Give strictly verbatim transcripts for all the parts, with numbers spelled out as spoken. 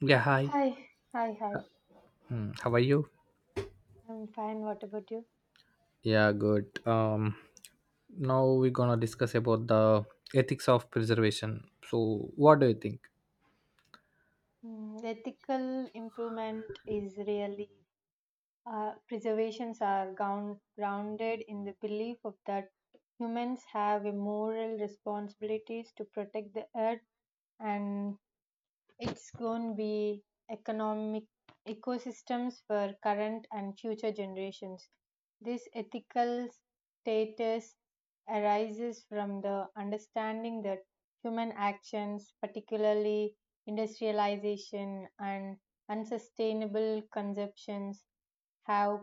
Yeah, hi. Hi, hi, hi. Hmm, how are you? I'm fine. What about you? Yeah, good. Um, now we're gonna discuss about the ethics of preservation. So, what do you think? Mm, ethical improvement is really uh, preservations are ground, grounded in the belief of that humans have a moral responsibilities to protect the earth and it's going to be economic ecosystems for current and future generations. This ethical status arises from the understanding that human actions, particularly industrialization and unsustainable consumptions, have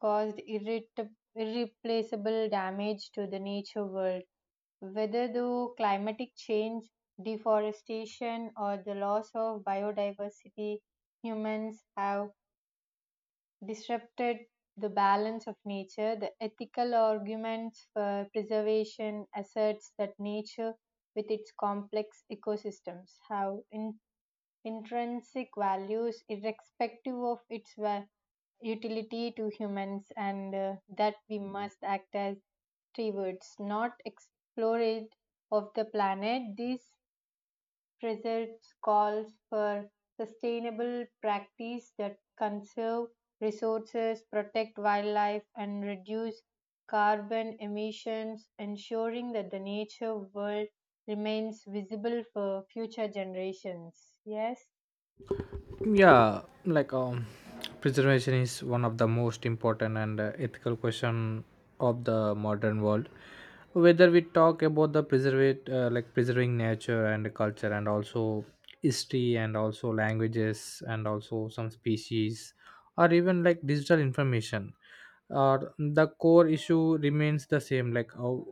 caused irrit- irreplaceable damage to the nature world, whether through climatic change, deforestation, or the loss of biodiversity. Humans have disrupted the balance of nature. The ethical arguments for preservation asserts that nature, with its complex ecosystems, have in- intrinsic values irrespective of its va- utility to humans, and uh, that we must act as stewards, not explorers of the planet. These precepts calls for sustainable practice that conserve resources, protect wildlife, and reduce carbon emissions, ensuring that the nature world remains visible for future generations. Yes, yeah like um preservation is one of the most important and uh, ethical question of the modern world, whether we talk about the preserve uh, like preserving nature and culture and also history and also languages and also some species or even like digital information, or the core issue remains the same, like how,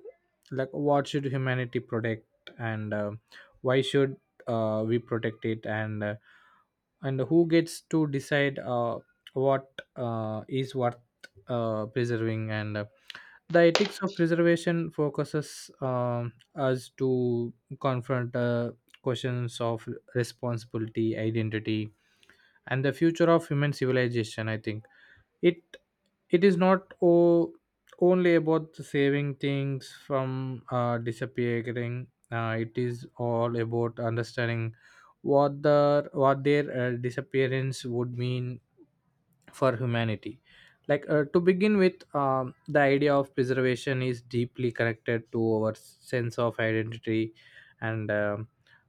like what should humanity protect, and uh, why should uh, we protect it, and uh, and who gets to decide uh, what uh, is worth uh, preserving. And uh, the ethics of preservation focuses um, us to confront uh, questions of responsibility, identity, and the future of human civilization. I think it it is not o- only about saving things from uh, disappearing. Uh, it is all about understanding what the what their uh, disappearance would mean for humanity. Like uh, to begin with, um, the idea of preservation is deeply connected to our sense of identity. And um,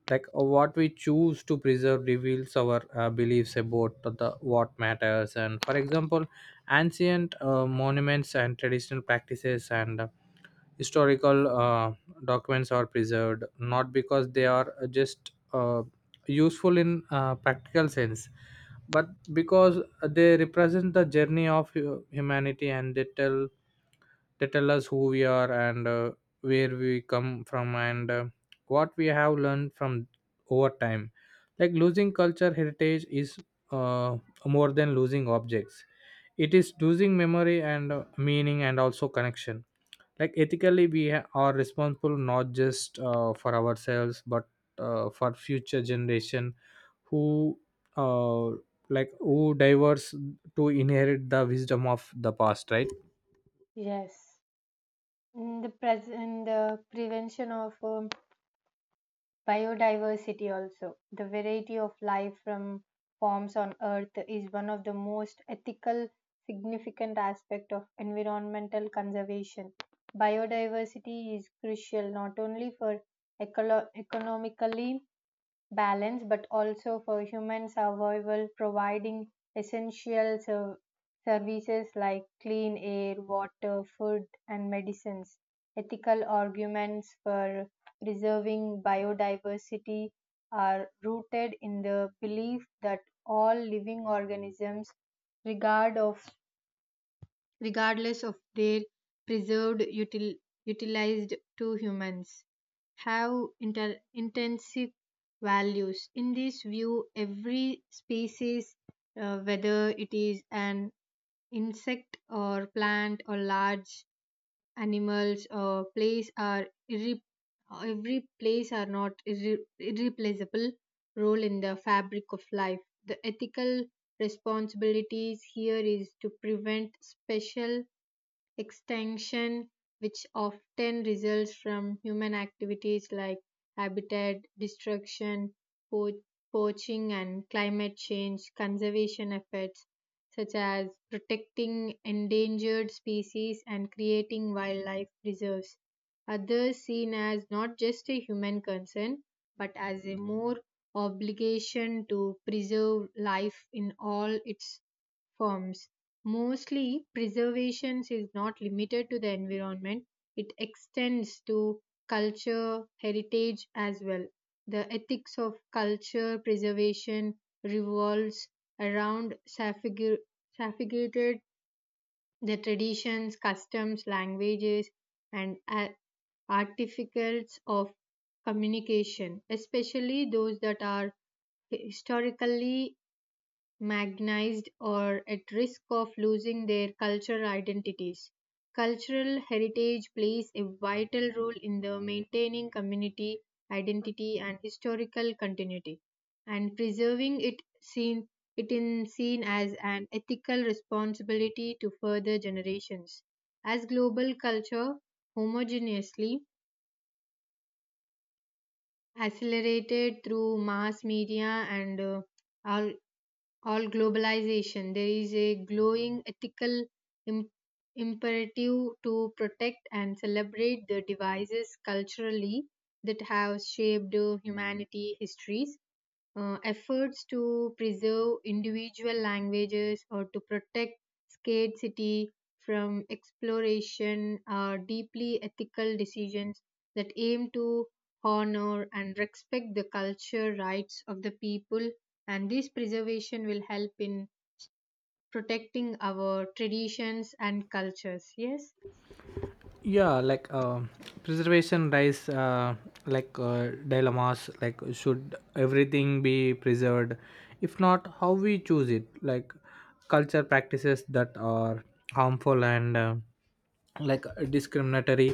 like uh, what we choose to preserve reveals our uh, beliefs about the what matters. And for example, ancient uh, monuments and traditional practices and historical uh, documents are preserved not because they are just uh, useful in uh, practical sense, but because they represent the journey of hu- humanity, and they tell they tell us who we are, and uh, where we come from, and uh, what we have learned from over time. Like losing culture heritage is uh, more than losing objects. It is losing memory and uh, meaning and also connection. Like ethically we ha- are responsible not just uh, for ourselves but uh, for future generation who uh, like who diverse to inherit the wisdom of the past, right? yes. In the present, the prevention of um, biodiversity also. The variety of life from forms on earth is one of the most ethical significant aspect of environmental conservation. Biodiversity is crucial not only for ecolo- economically balance but also for human survival, providing essential ser- services like clean air, water, food, and medicines. Ethical arguments for preserving biodiversity are rooted in the belief that all living organisms, regard of regardless of their preserved util- utilized to humans, have inter- intensive values. In this view, every species, uh, whether it is an insect or plant or large animals or place, are irre- every place are not irre- irreplaceable role in the fabric of life. The ethical responsibilities here is to prevent special extinction, which often results from human activities like habitat destruction, po- poaching, and climate change. Conservation efforts, such as protecting endangered species and creating wildlife reserves, others seen as not just a human concern but as a more obligation to preserve life in all its forms. Mostly, preservation is not limited to the environment, it extends to culture, heritage as well. The ethics of culture preservation revolves around saffigu- saffigated the traditions, customs, languages, and a- artificals of communication, especially those that are historically marginalized or at risk of losing their cultural identities. Cultural heritage plays a vital role in the maintaining community identity and historical continuity, and preserving it seen it in seen as an ethical responsibility to further generations. As global culture homogeneously accelerated through mass media and uh, al- or globalization, there is a glowing ethical im- imperative to protect and celebrate the devices culturally that have shaped uh, humanity histories. Uh, efforts to preserve individual languages or to protect scarcity from exploration are deeply ethical decisions that aim to honor and respect the culture rights of the people, and this preservation will help in protecting our traditions and cultures. Yes, Yeah like um preservation rise uh, like uh, dilemmas, like should everything be preserved? If not, how we choose it? Like culture practices that are harmful and uh, like uh, discriminatory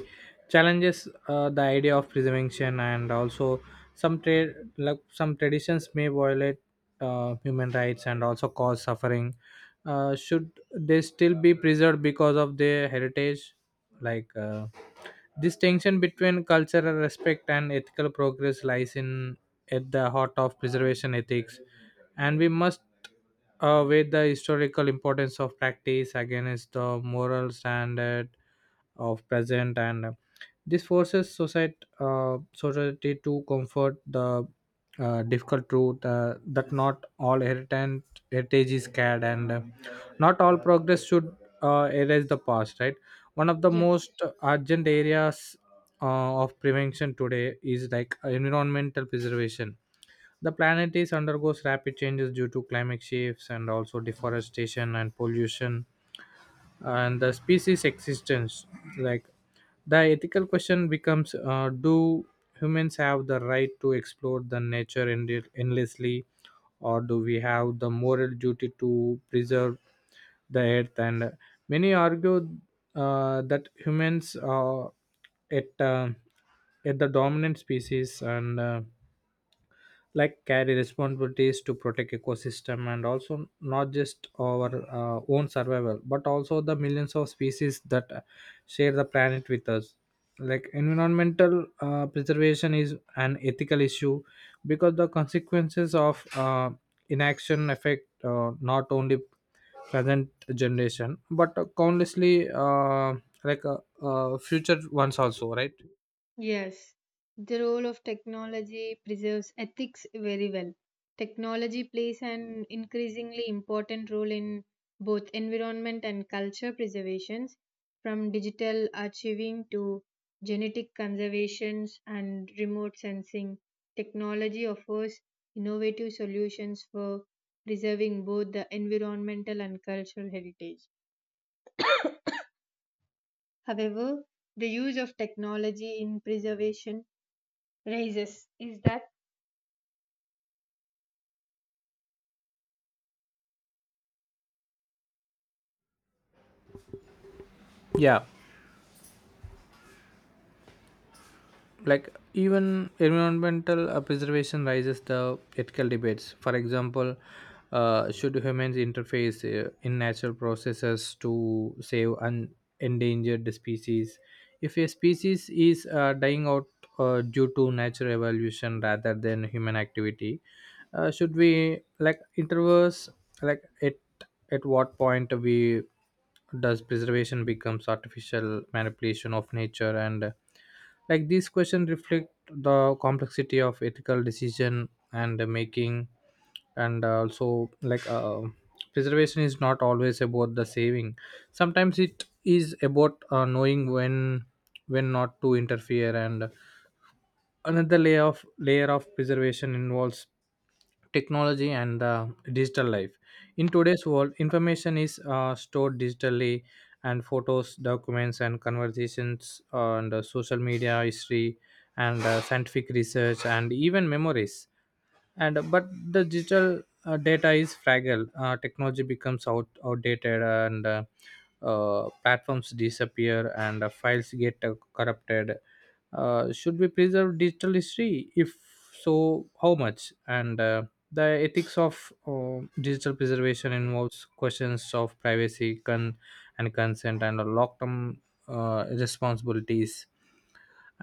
challenges uh, the idea of preservation. And also some trade, like some traditions may violate uh, human rights and also cause suffering. Uh, should they still be preserved because of their heritage? Like uh, this tension between cultural respect and ethical progress lies in at the heart of preservation ethics. And we must uh, with the historical importance of practice against the moral standard of present. And uh, this forces society, uh, society to comfort the uh, difficult truth uh, that not all heritage, heritage is scared, and uh, not all progress should uh, erase the past, right? One of the yeah. most urgent areas uh, of prevention today is like environmental preservation. The planet is undergoes rapid changes due to climate shifts and also deforestation and pollution and the species existence. Like the ethical question becomes: uh, do humans have the right to explore the nature end- endlessly, or do we have the moral duty to preserve the earth? And many argue uh, that humans are at uh, at the dominant species. And Uh, like carry responsibilities to protect ecosystem, and also not just our uh, own survival but also the millions of species that uh, share the planet with us. Like environmental uh, preservation is an ethical issue because the consequences of uh, inaction affect uh, not only present generation but countlessly uh, like uh, uh, future ones also, right? Yes, the role of technology preserves ethics very well. Technology plays an increasingly important role in both environment and culture preservations, from digital archiving to genetic conservations and remote sensing. Technology offers innovative solutions for preserving both the environmental and cultural heritage. However, the use of technology in preservation raises is that. Yeah, like even environmental uh, preservation raises the ethical debates. For example, uh, should humans interface uh, in natural processes to save an endangered species? If a species is uh, dying out uh, due to natural evolution rather than human activity, uh, should we like interverse, like at at what point, we does preservation becomes artificial manipulation of nature? And like these questions reflect the complexity of ethical decision and making. And uh, also like uh, preservation is not always about the saving. Sometimes it is about uh, knowing when when not to interfere. And another layer of layer of preservation involves technology and the digital life. In today's world, information is uh, stored digitally, and photos, documents, and conversations, uh, and uh, social media history, and uh, scientific research, and even memories, and uh, but the digital uh, data is fragile. Uh, technology becomes out outdated, and uh, uh, platforms disappear, and uh, files get uh, corrupted. Uh, should we preserve digital history? If so, how much? And uh, the ethics of uh, digital preservation involves questions of privacy con- and consent and long term uh, responsibilities.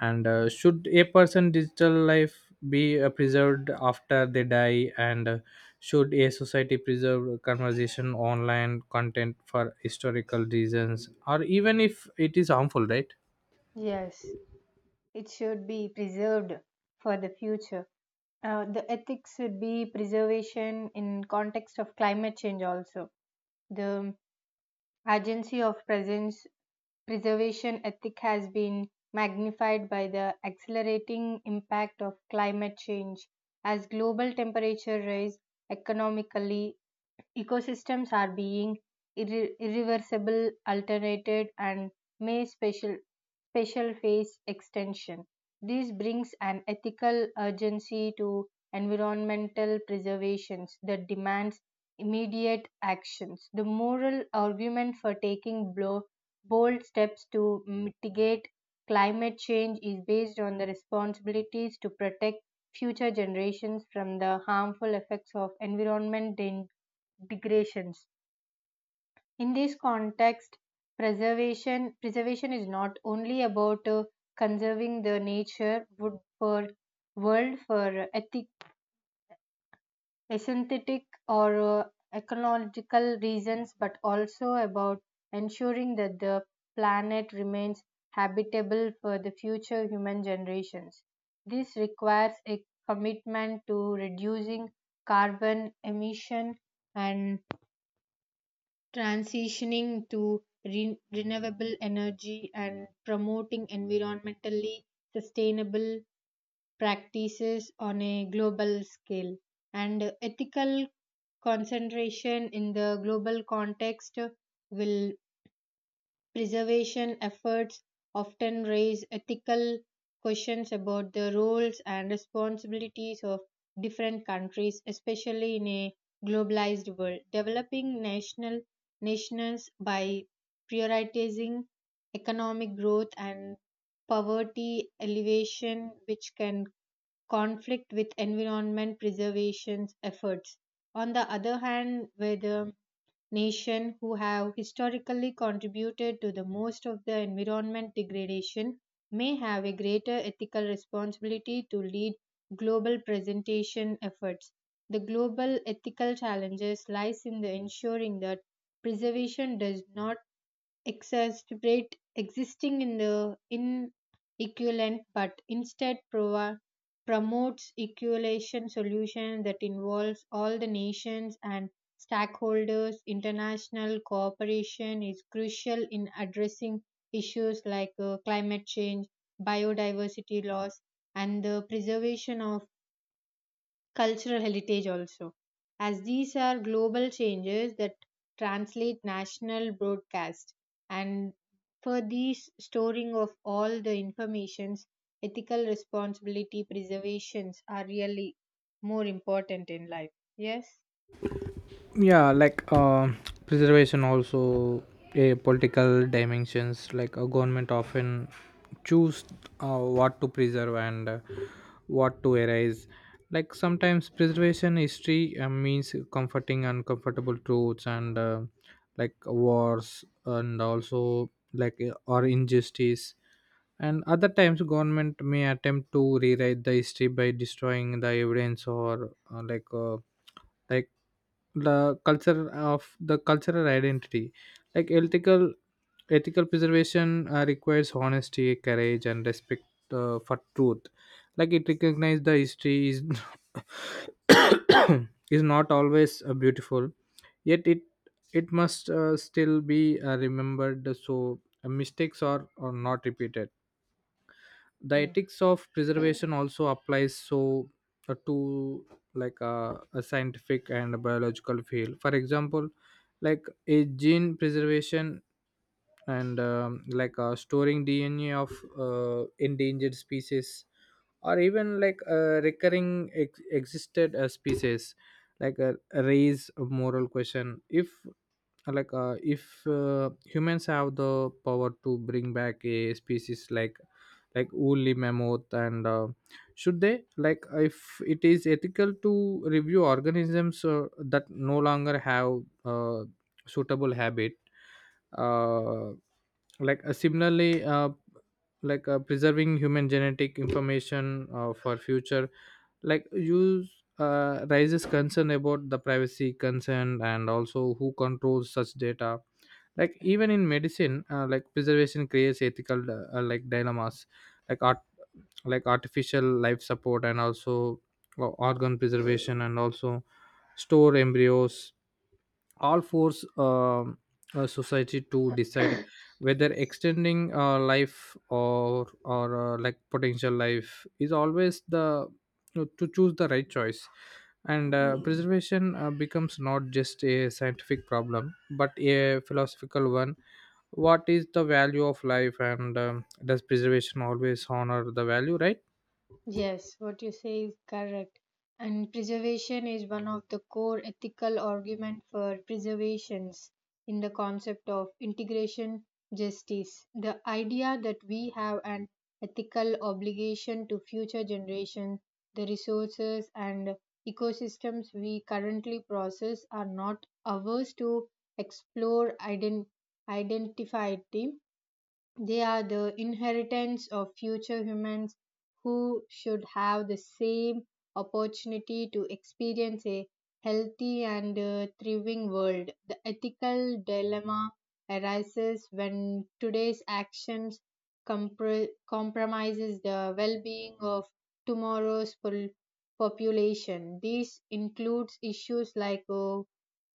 And uh, should a person' digital life be uh, preserved after they die? And uh, should a society preserve conversation online content for historical reasons or even if it is harmful, right? Yes, it should be preserved for the future. Uh, the ethics should be preservation in context of climate change also. The urgency of presence preservation ethic has been magnified by the accelerating impact of climate change. As global temperature rise, economically ecosystems are being irre- irreversible alternated, and may special special phase extension. This brings an ethical urgency to environmental preservations that demands immediate actions. The moral argument for taking blo- bold steps to mitigate climate change is based on the responsibilities to protect future generations from the harmful effects of environment dan- degradations. In this context, preservation preservation is not only about uh, conserving the nature would for world for ethic, aesthetic, or uh, ecological reasons, but also about ensuring that the planet remains habitable for the future human generations. This requires a commitment to reducing carbon emission and transitioning to re- renewable energy and promoting environmentally sustainable practices on a global scale. And ethical concentration in the global context will preservation efforts often raise ethical questions about the roles and responsibilities of different countries, especially in a globalized world. Developing national nations by prioritizing economic growth and poverty alleviation, which can conflict with environment preservation efforts. On the other hand, where the nations who have historically contributed to the most of the environment degradation may have a greater ethical responsibility to lead global presentation efforts. The global ethical challenges lies in the ensuring that preservation does not exacerbate existing in the inequivalent, but instead provi- promotes equalization solution that involves all the nations and stakeholders. International cooperation is crucial in addressing issues like uh, climate change, biodiversity loss, and the preservation of cultural heritage also, as these are global changes that translate national broadcast. And for these storing of all the informations, ethical responsibility preservations are really more important in life. Yes. Yeah, like uh, preservation also a political dimensions, like a government often choose uh, what to preserve and uh, what to erase. Like sometimes preservation history uh, means comforting uncomfortable truths, and uh, like wars, and also like uh, or injustice. And other times government may attempt to rewrite the history by destroying the evidence, or uh, like uh, like the culture of the cultural identity. Like ethical ethical preservation uh, requires honesty, courage, and respect uh, for truth. Like it recognizes the history is is not always uh, beautiful, yet it it must uh, still be uh, remembered so uh, mistakes are, are not repeated. The Yes. ethics of preservation also applies so uh, to like uh, a scientific and a biological field. For example, like a gene preservation and um, like uh, storing dna of uh, endangered species, or even like uh, recurring ex- existed uh, species. like a, Raise a moral question if like uh, if uh, humans have the power to bring back a species like like woolly mammoth. And uh, should they, like if it is ethical to review organisms uh, that no longer have uh, suitable habit. uh, like uh, Similarly, uh, like uh, preserving human genetic information uh, for future, like you uh, raises concern about the privacy concern and also who controls such data. Like even in medicine, uh, like preservation creates ethical uh, uh, like dilemmas, like art like artificial life support and also uh, organ preservation, and also store embryos, all force um, uh, society to decide whether extending uh, life or or uh, like potential life is always the to choose the right choice. And uh, preservation uh, becomes not just a scientific problem but a philosophical one. What is the value of life, and um, does preservation always honor the value, right? Yes, what you say is correct. And preservation is one of the core ethical argument for preservations in the concept of integration justice. The idea that we have an ethical obligation to future generations, the resources and ecosystems we currently process are not ours to explore, ident- identify them. They are the inheritance of future humans who should have the same opportunity to experience a healthy and uh, thriving world. The ethical dilemma arises when today's actions compr- compromises the well-being of tomorrow's pol- population. This includes issues like uh,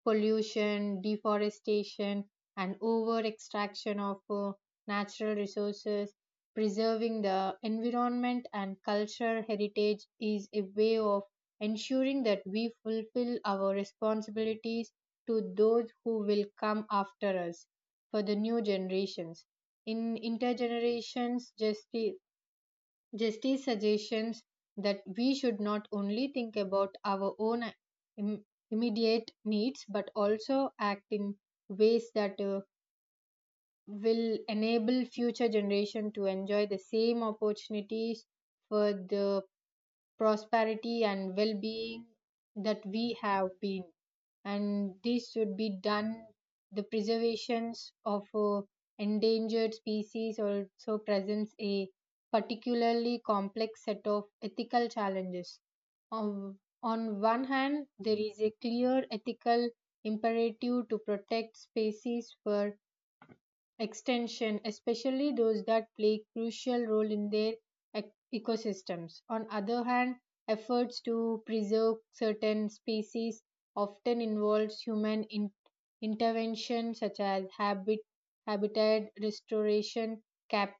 pollution, deforestation, and over extraction of uh, natural resources. Preserving the environment and cultural heritage is a way of ensuring that we fulfill our responsibilities to those who will come after us, for the new generations. In intergenerations, justice, justice suggestions that we should not only think about our own im- immediate needs but also act in ways that uh, will enable future generation to enjoy the same opportunities for the prosperity and well-being that we have been, and this should be done. The preservations of uh, endangered species also presents a particularly complex set of ethical challenges. On, on one hand, there is a clear ethical imperative to protect species for extension, especially those that play crucial role in their ec- ecosystems. On other hand, efforts to preserve certain species often involves human in- intervention, such as habit habitat restoration, cap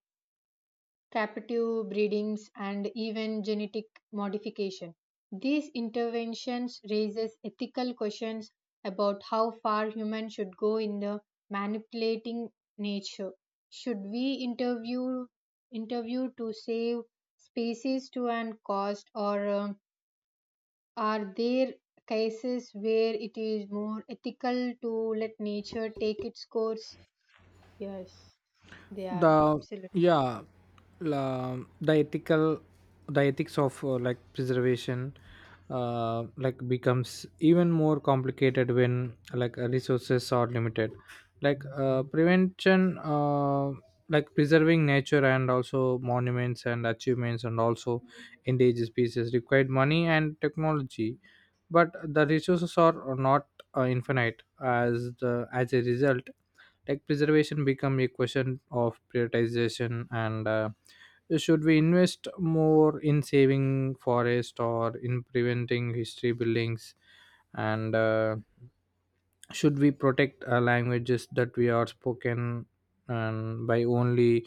captive breedings, and even genetic modification. These interventions raises ethical questions about how far humans should go in the manipulating nature. Should we interview interview to save species to an cost, or um, are there cases where it is more ethical to let nature take its course? Yes, they are the absolutely. yeah la, the ethical the ethics of uh, like preservation uh, like becomes even more complicated when like uh, resources are limited. Like uh, prevention uh, like preserving nature, and also monuments and achievements, and also endangered species required money and technology, but the resources are not uh, infinite. As the as a result, like preservation become a question of prioritization. And uh, should we invest more in saving forest or in preventing history buildings? And uh, should we protect uh, languages that we are spoken and by only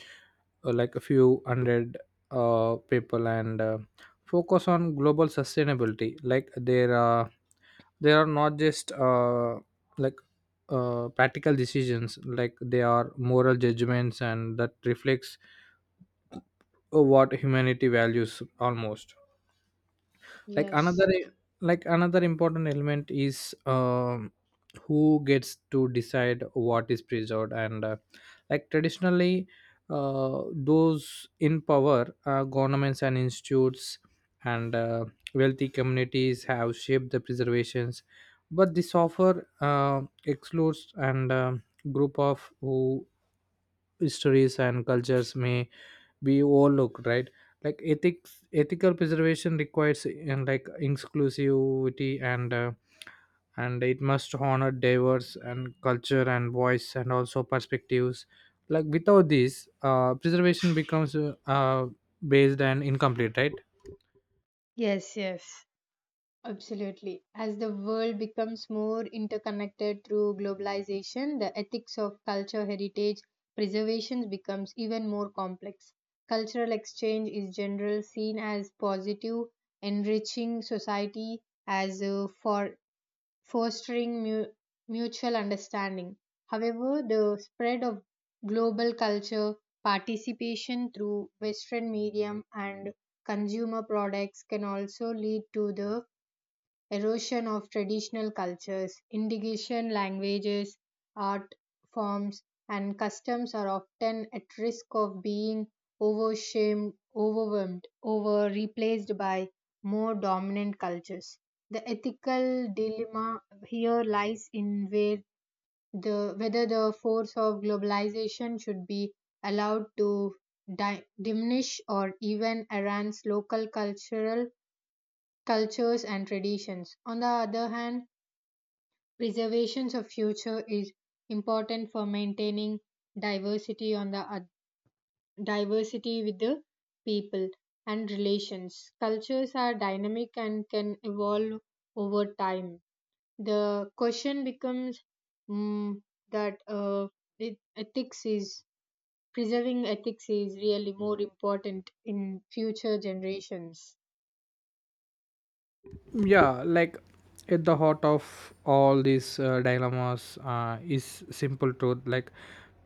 uh, like a few hundred uh, people, and uh, focus on global sustainability? Like there are there are not just uh, like uh, practical decisions, like they are moral judgments, and that reflects uh, what humanity values almost. like another Yes. like another important element is um, who gets to decide what is preserved. And uh, like traditionally, uh, those in power, uh, governments and institutes and uh, wealthy communities, have shaped the preservations. But this offer uh, excludes and um group of who histories and cultures may we overlook, right? Like ethics ethical preservation requires and like inclusivity. And uh, and it must honor diverse and culture and voice and also perspectives. Like without this, uh, preservation becomes uh, uh, based and incomplete, right? Yes, yes. Absolutely. As the world becomes more interconnected through globalization, the ethics of culture heritage preservation becomes even more complex. Cultural exchange is generally seen as positive, enriching society as uh, for fostering mu- mutual understanding. However, the spread of global culture participation through Western medium and consumer products can also lead to the erosion of traditional cultures. Indigenous languages, art forms, and customs are often at risk of being overshamed, overwhelmed, over replaced by more dominant cultures. The ethical dilemma here lies in where the whether the force of globalization should be allowed to di- diminish or even enhance local cultural cultures and traditions. On the other hand, preservation of future is important for maintaining diversity on the oth- diversity with the people and relations. Cultures are dynamic and can evolve over time. The question becomes mm, that uh, it, ethics is preserving ethics is really more important in future generations. Yeah, like at the heart of all these uh, dilemmas uh, is simple truth. Like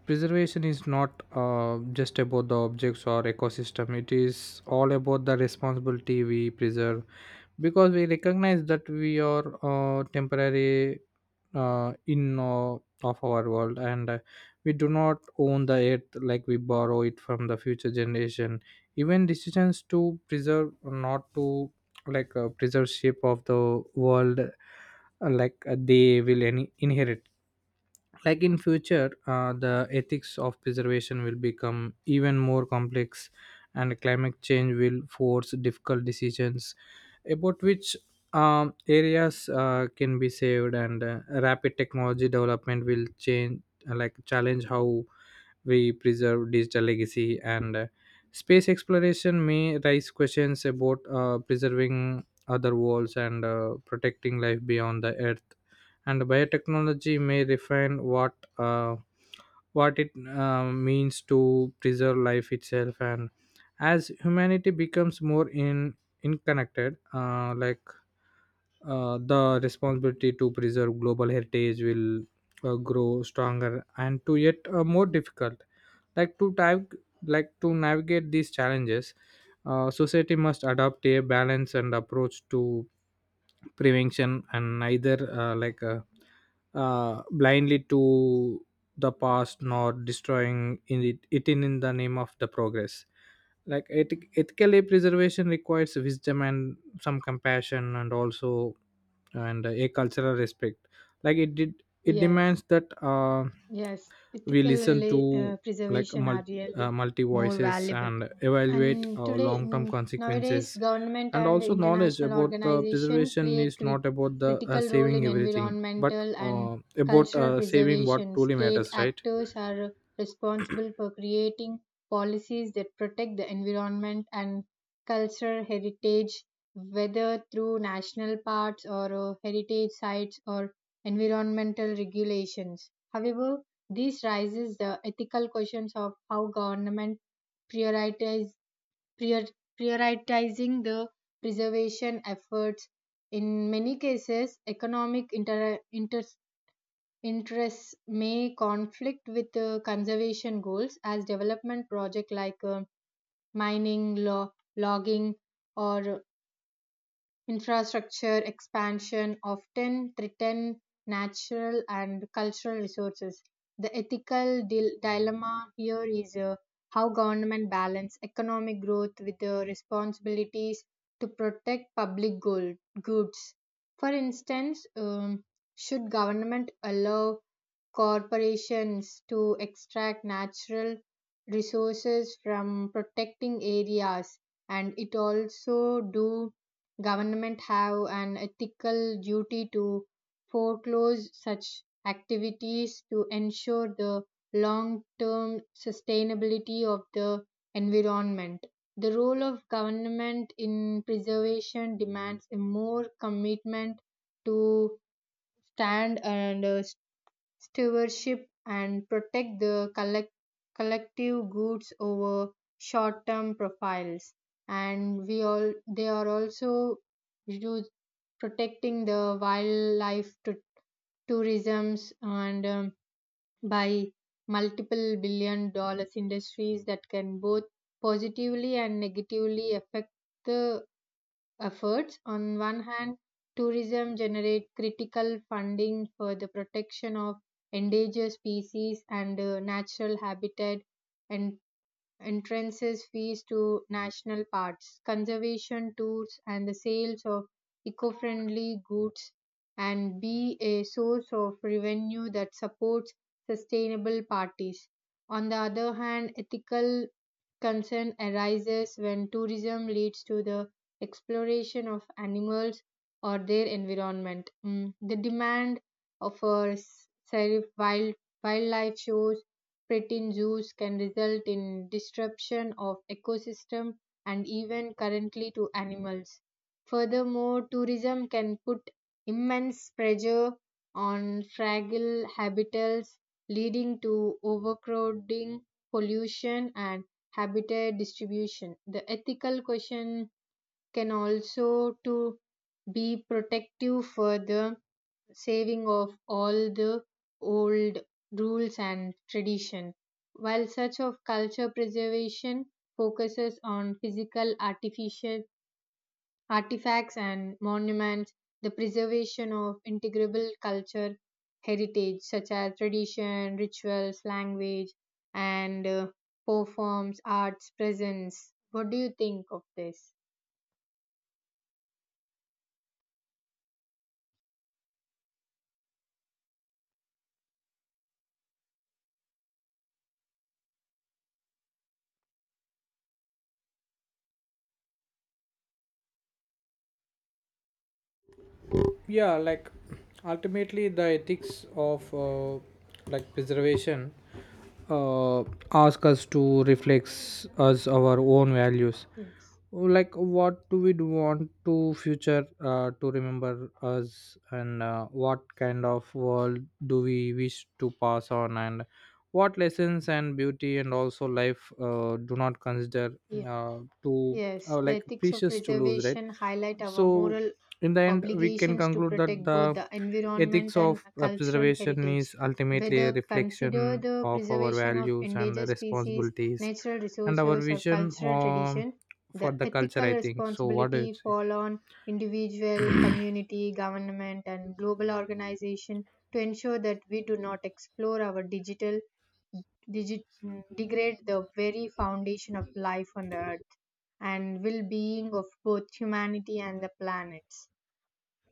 preservation is not uh, just about the objects or ecosystem. It is all about the responsibility we preserve, because we recognize that we are uh, temporary uh, in uh, of our world. And uh, we do not own the earth, like we borrow it from the future generation. Even decisions to preserve or not to like uh, preserve of the world, uh, like uh, they will in- inherit. Like in future, uh, the ethics of preservation will become even more complex. And climate change will force difficult decisions about which um, areas uh, can be saved, and uh, rapid technology development will change like challenge how we preserve digital legacy. And uh, space exploration may raise questions about uh, preserving other worlds and uh, protecting life beyond the earth. And biotechnology may refine what uh, what it uh, means to preserve life itself. And as humanity becomes more in interconnected, uh, like uh, the responsibility to preserve global heritage will uh, grow stronger and to yet uh, more difficult. Like to type like to navigate these challenges, uh, society must adopt a balance and approach to prevention, and neither uh, like uh, uh, blindly to the past nor destroying in it, it in, in the name of the progress. Like eth- ethically preservation requires wisdom and some compassion and also and a cultural respect. Like it did it Yes. demands that uh, Yes, we ethical listen rela- to uh, like preservation multi, are uh, really multi more voices valuable. and evaluate And our today, long term mm, nowadays consequences. government And and also knowledge international about the organization preservation play a is cri- not about the uh, critical role saving in everything, but environmental and uh, about cultural uh, saving what preservation. truly State matters, right? actors are responsible for creating policies that protect the environment and cultural heritage, whether through national parks or uh, heritage sites or environmental regulations. However, this raises the ethical questions of how government prioritize prior- prioritizing the preservation efforts. In many cases, economic inter- inter- interests may conflict with the conservation goals, as development projects like uh, mining, lo- logging, or infrastructure expansion often threaten natural and cultural resources. The ethical dil- dilemma here is uh, how government balance economic growth with the responsibilities to protect public good- goods. For instance, um, should government allow corporations to extract natural resources from protecting areas, and it also do government have an ethical duty to foreclose such activities to ensure the long-term sustainability of the environment. The role of government in preservation demands a more commitment to stand and uh, stewardship and protect the collect- collective goods over short term profiles. And we all they are also use protecting the wildlife to tourisms and um, by multiple billion dollars industries that can both positively and negatively affect the efforts. On one hand, tourism generate critical funding for the protection of endangered species and uh, natural habitat, and entrances fees to national parks, conservation tours, and the sales of eco-friendly goods and be a source of revenue that supports sustainable parties. On the other hand, ethical concern arises when tourism leads to the exploration of animals or their environment. Mm, the demand for wild, wildlife shows, pet zoos can result in disruption of ecosystem and even currently to animals. Furthermore, tourism can put immense pressure on fragile habitats, leading to overcrowding, pollution, and habitat distribution. The ethical question can also to be protective for the saving of all the old rules and tradition. While such of culture preservation focuses on physical artificial artifacts and monuments, the preservation of integrable culture heritage such as tradition, rituals, language, and uh, performs arts presence. What do you think of this? Yeah, like ultimately the ethics of uh, like preservation uh, ask us to reflect us our own values, Yes. like what do we do want to future uh, to remember us, and uh, what kind of world do we wish to pass on, and what lessons and beauty and also life uh, do not consider Yeah. uh, to Yes, uh, the like ethics of precious to lose, right? preservation highlight our So moral in the end we can obligations to conclude that protect both the the ethics environment and of uh, cultural preservation heritage. is ultimately a Whether consider reflection the of our preservation of values and endangered species, responsibilities natural and our resources, or vision, cultural um, tradition, for the the culture, I ethical think. So what do you responsibility say? fall on individual, community, government, and global organization to ensure that we do not explore our digital digi- mm, degrade the very foundation of life on the earth and well being of both humanity and the planets.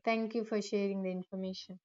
Thank you for sharing the information.